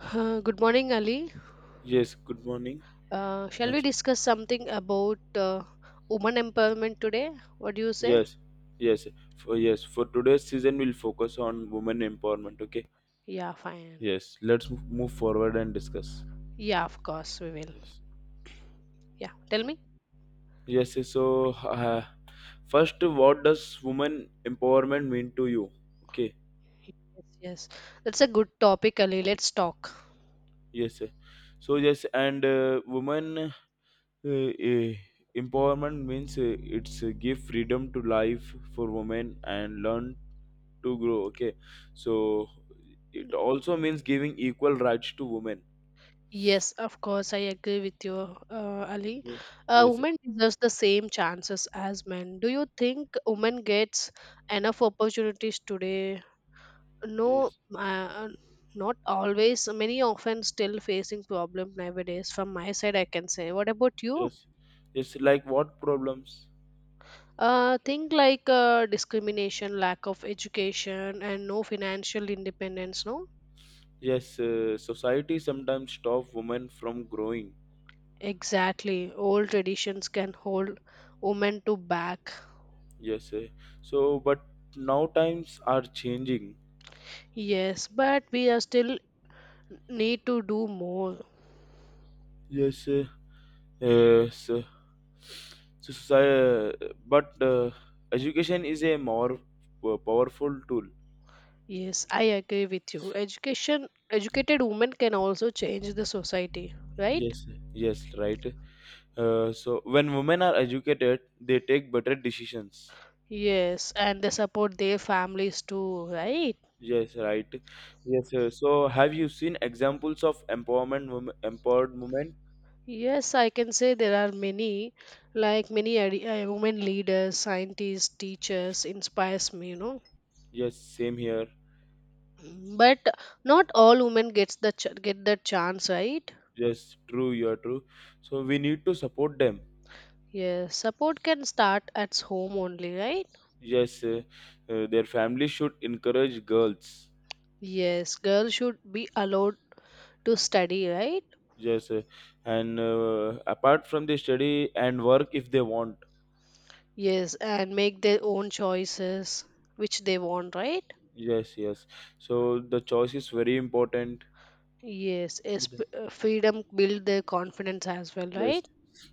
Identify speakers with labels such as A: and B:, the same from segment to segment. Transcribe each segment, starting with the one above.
A: Good morning, Ali.
B: Yes, good morning,
A: Shall we
B: Jhansi.
A: discuss something about woman empowerment today? What do you say?
B: Yes, yes, for today's season, we'll focus on women empowerment. Okay,
A: Yeah, fine.
B: yes, let's move forward and discuss.
A: Yeah, of course, we will.
B: Yes,
A: Yeah, tell me.
B: yes, yes, so uh, First, what does women empowerment mean to you? Okay,
A: Yes, yes. That's a good topic, Ali. Let's talk.
B: yes, so yes, and Women uh, empowerment means it's give freedom to life for women and learn to grow. Okay, so it also means giving equal rights to women.
A: Yes, of course, I agree with you, Ali.
B: Yes, yes,
A: Women deserves the same chances as men. Do you think women gets enough opportunities today? No,
B: yes,
A: not always. Many often still facing problem nowadays. From my side I can say. What about you?
B: yes, yes. Like what problems?
A: Think like discrimination, lack of education, and no financial independence. No,
B: Yes, society sometimes stop women from growing.
A: exactly, old traditions can hold women to back.
B: Yes, uh, so but now times are changing.
A: Yes, but we are still need to do more.
B: Yes, uh, yes. So society, but education is a more powerful tool.
A: Yes, I agree with you. Education, educated women can also change the society, right?
B: Yes, yes, right. So when women are educated, they take better decisions.
A: Yes, and they support their families too, right?
B: Yes, right. Yes, sir. So, have you seen examples of empowerment, empowered women?
A: Yes, I can say there are many, like many women leaders, scientists, teachers inspires me.
B: Yes, same here.
A: Mm. But not all women gets get that chance, right?
B: Yes, true. You are true. So, we need to support them.
A: Yes, support can start at home only, right?
B: Yes, uh, their family should encourage girls.
A: Yes, girls should be allowed to study, right?
B: Yes, and Apart from the study and work if they want.
A: Yes, and make their own choices which they want, right?
B: Yes, yes. So, the choice is very important.
A: Yes, freedom build their confidence as well,
B: Yes.
A: right?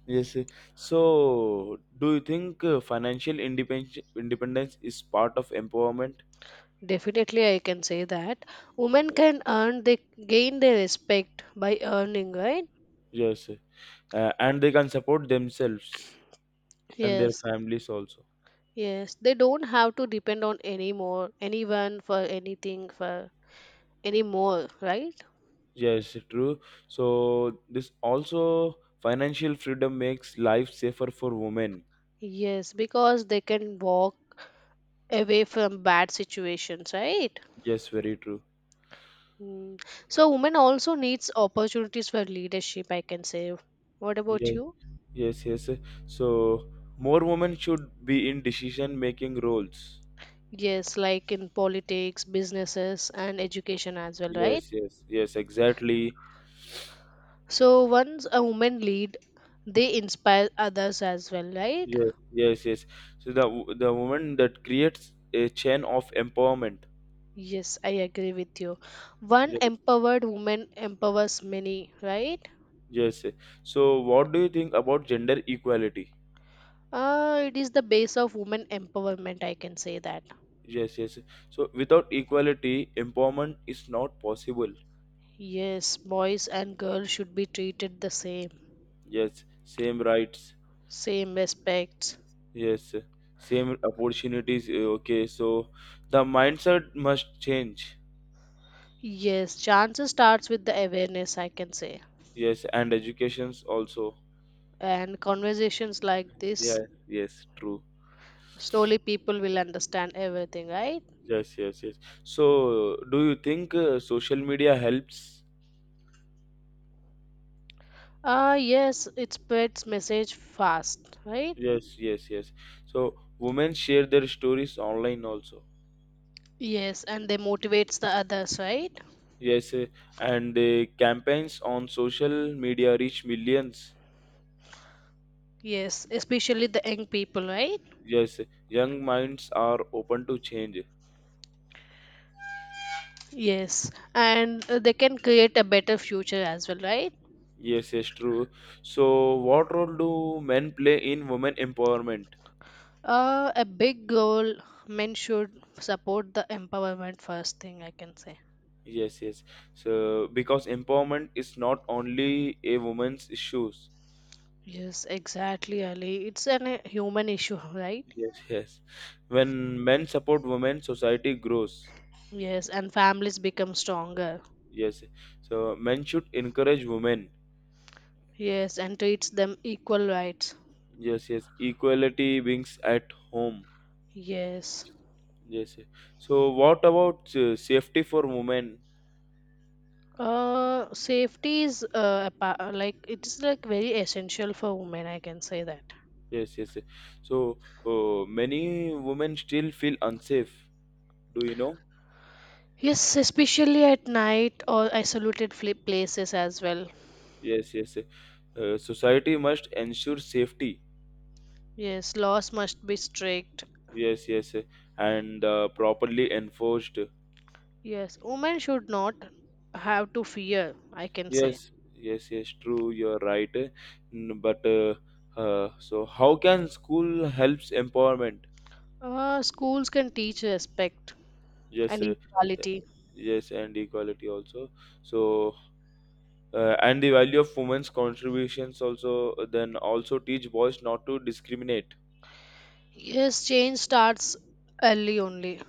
B: Yes, sir. So, do you think financial independence is part of empowerment?
A: Definitely, I can say that women can earn, they gain their respect by earning, right?
B: Yes, and they can support themselves and their
A: Yes,
B: families also.
A: yes. They don't have to depend on any more anyone for anything for anymore, right?
B: Yes, true. So this also financial freedom makes life safer for women.
A: Yes, because they can walk away from bad situations, right?
B: Yes, very true.
A: Mm. So women also needs opportunities for leadership, I can say. What about
B: Yes,
A: you?
B: yes. So more women should be in decision making roles.
A: Yes, like in politics, businesses, and education as well, right?
B: Yes, exactly.
A: So once a woman lead, they inspire others as well, right?
B: Yes. So the woman that creates a chain of empowerment.
A: Yes, I agree with you. One
B: Yes,
A: empowered woman empowers many, right?
B: yes. So what do you think about gender equality?
A: It is the base of women empowerment, I can say that.
B: Yes, yes. So without equality, empowerment is not possible.
A: Yes, boys and girls should be treated the same,
B: Yes, same rights.
A: same respects.
B: Yes, same opportunities. Okay, so the mindset must change.
A: Yes, chances starts with the awareness, I can say.
B: Yes, and educations also.
A: And conversations like this,
B: Yeah, yes, true.
A: slowly people will understand everything, right?
B: Yes. So do you think social media helps?
A: Ah, yes, it spreads message fast, right?
B: Yes. So women share their stories online also.
A: Yes, and they motivates the others, right?
B: Yes, eh, and Campaigns on social media reach millions.
A: Yes, especially the young people, right?
B: Yes, young minds are open to change.
A: Yes, and they can create a better future as well, right?
B: Yes, yes, true. So, what role do men play in women empowerment?
A: A big goal, men should support the empowerment first thing I can say.
B: Yes, yes. So, because empowerment is not only a woman's issues.
A: Yes, exactly, Ali. It's an a human issue, right?
B: Yes, yes. When men support women, society grows.
A: Yes, and families become stronger.
B: Yes. So, men should encourage women.
A: Yes, and treats them equal rights.
B: Yes, yes. Equality brings at home.
A: Yes.
B: Yes, yes. So, what about safety for women?
A: Safety is like it is like very essential for women. I can say that.
B: Yes. So many women still feel unsafe. Do you know?
A: Yes, especially at night or isolated places as well.
B: Yes. Society must ensure safety.
A: Yes, laws must be strict.
B: Yes. And properly enforced.
A: Yes, women should not have to fear. I can say.
B: Yes, yes, yes. True, you're right. N- But so how can school helps empowerment?
A: Schools can teach respect
B: Yes,
A: and
B: uh,
A: equality.
B: yes, and equality also. So and the value of women's contributions also. Then also teach boys not to discriminate.
A: Yes, change starts early only.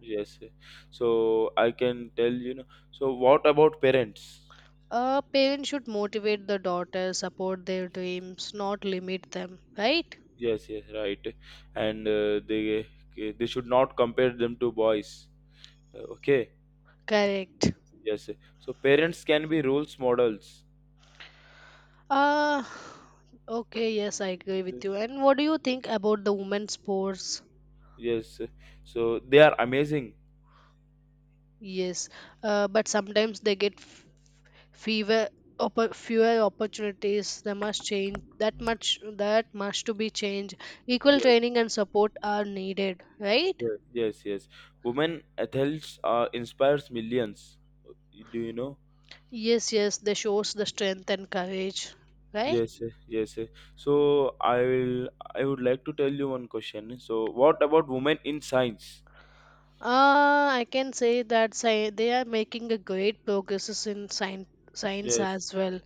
B: Yes, yes. So I can tell you know. So what about parents?
A: Parents should motivate the daughters, support their dreams, not limit them. Right?
B: Yes, yes, right. And they should not compare them to boys. Okay.
A: Correct.
B: Yes. So parents can be roles models.
A: Uh, okay, yes, I agree with you. And what do you think about the women's sports?
B: Yes. So they are amazing.
A: Yes, but sometimes they get fewer fewer opportunities. They must change that much. That must to be changed. Equal
B: Yes.
A: training and support are needed, right?
B: Yes. Women athletes inspires millions. Do you know?
A: Yes, yes, they shows the strength and courage, right?
B: Yes, sir. So I would like to tell you one question. So what about women in science?
A: I can say that they are making a great progresses in science
B: Yes,
A: as well.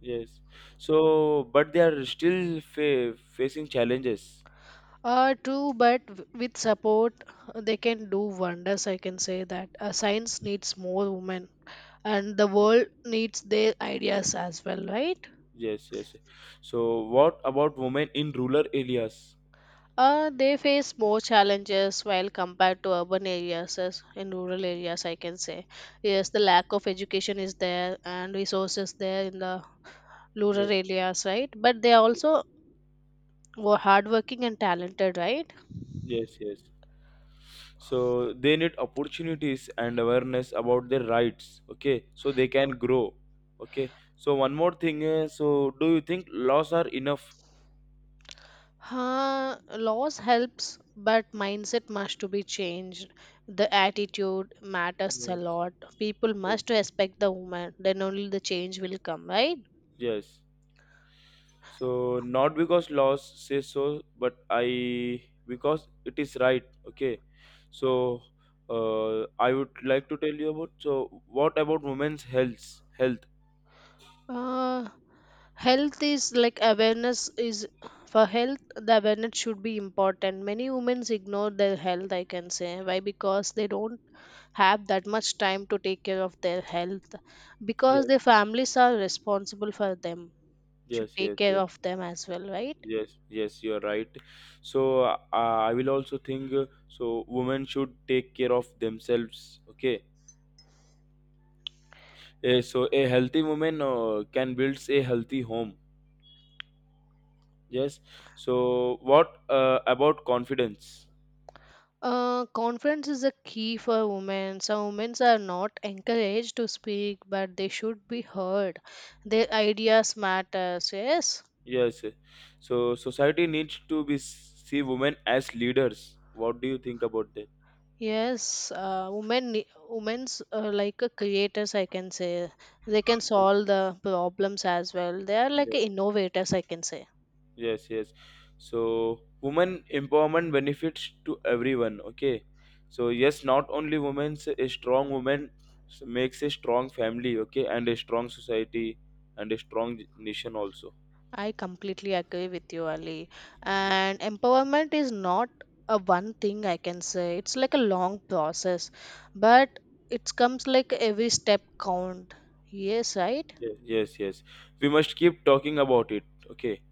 B: yes. So, but they are still facing challenges.
A: True, but with support, they can do wonders. I can say that science needs more women, and the world needs their ideas as well, right?
B: Yes, yes. So, what about women in rural areas?
A: They face more challenges while compared to urban areas as in rural areas. I can say, yes, the lack of education is there and resources there in the rural
B: Yes,
A: areas, right? But they are also hardworking and talented, right?
B: yes. So, they need opportunities and awareness about their rights, okay? So they can grow, okay? So, one more thing, so do you think laws are enough?
A: Huh, laws helps, but mindset must to be changed. The attitude matters a
B: Yes,
A: lot. People
B: yes,
A: must respect the woman. Then only the change will come, right?
B: yes. So not because laws say so but I because it is right. Okay, so I would like to tell you about, so what about women's health?
A: Uh, Health is like awareness is for health. The awareness should be important. Many women ignore their health. I can say why, because they don't have that much time to take care of their health because their
B: yes
A: families are responsible for them. Should
B: yes
A: take
B: yes
A: care
B: yes
A: of them as well, right?
B: yes. You're right. So I will also think, so women should take care of themselves. Okay, so a healthy woman can build a healthy home. Yes. So what about confidence?
A: Confidence is a key for women. So women are not encouraged to speak, but they should be heard. Their ideas matters. Yes,
B: Yes, yes. So society needs to be see women as leaders. What do you think about that?
A: yes. Women, women's like a creators. I can say they can solve the problems as well. They are like
B: Yes.
A: innovators. I can say.
B: Yes. So women empowerment benefits to everyone. Okay. So yes, not only women. A strong woman makes a strong family. Okay, and a strong society and a strong nation also.
A: I completely agree with you, Ali.
B: Yes.
A: And empowerment is not a one thing I can say. It's like a long process, but it comes like every step count. Yes, right?
B: Yes. We must keep talking about it. Okay.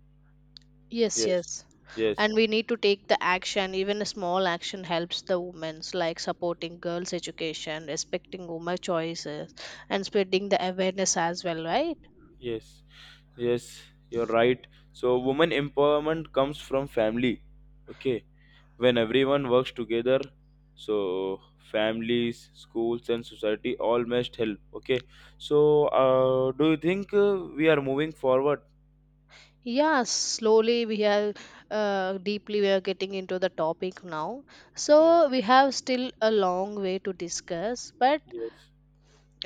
A: Yes,
B: Yes.
A: yes.
B: Yes.
A: And we need to take the action. Even a small action helps the women's, like supporting girls' education, respecting women choices, and spreading the awareness as well, right?
B: Yes. Yes, you're right. So, women empowerment comes from family. Okay, when everyone works together, so families, schools, and society all must help. Okay, so do you think we are moving forward?
A: Yeah, slowly we have deeply we are getting into the topic now.
B: Yes,
A: So we have still a long way to discuss, but
B: yes,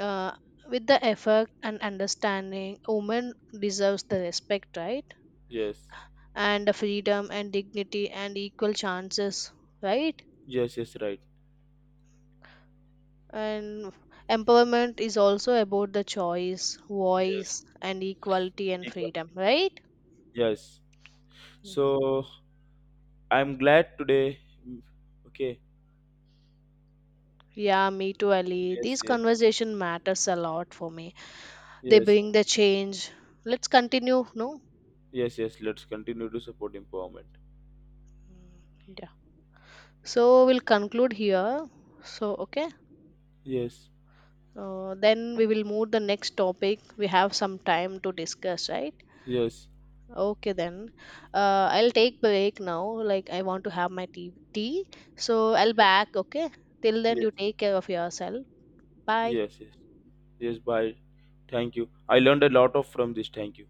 A: uh, with the effort and understanding, women deserves the respect, right?
B: yes,
A: And the freedom and dignity and equal chances, right?
B: yes, right.
A: And empowerment is also about the choice,
B: Yes,
A: voice, and equality and
B: equality.
A: freedom, right?
B: Yes. So I'm glad today. Okay.
A: Yeah, me too, Ali.
B: Yes,
A: These
B: yes,
A: conversation matters a lot for me. They
B: yes,
A: bring the change. Let's continue, no.
B: yes. Let's continue to support empowerment.
A: Mm, yeah, so we'll conclude here. So okay.
B: Yes,
A: Then we will move the next topic, we have some time to discuss, right?
B: yes.
A: Okay, then I'll take break now, like I want to have my tea. So I'll back, okay. Till then you
B: Yes,
A: take care of yourself. Bye.
B: yes, yes, yes. Bye. Thank you. I learned a lot of from this. Thank you.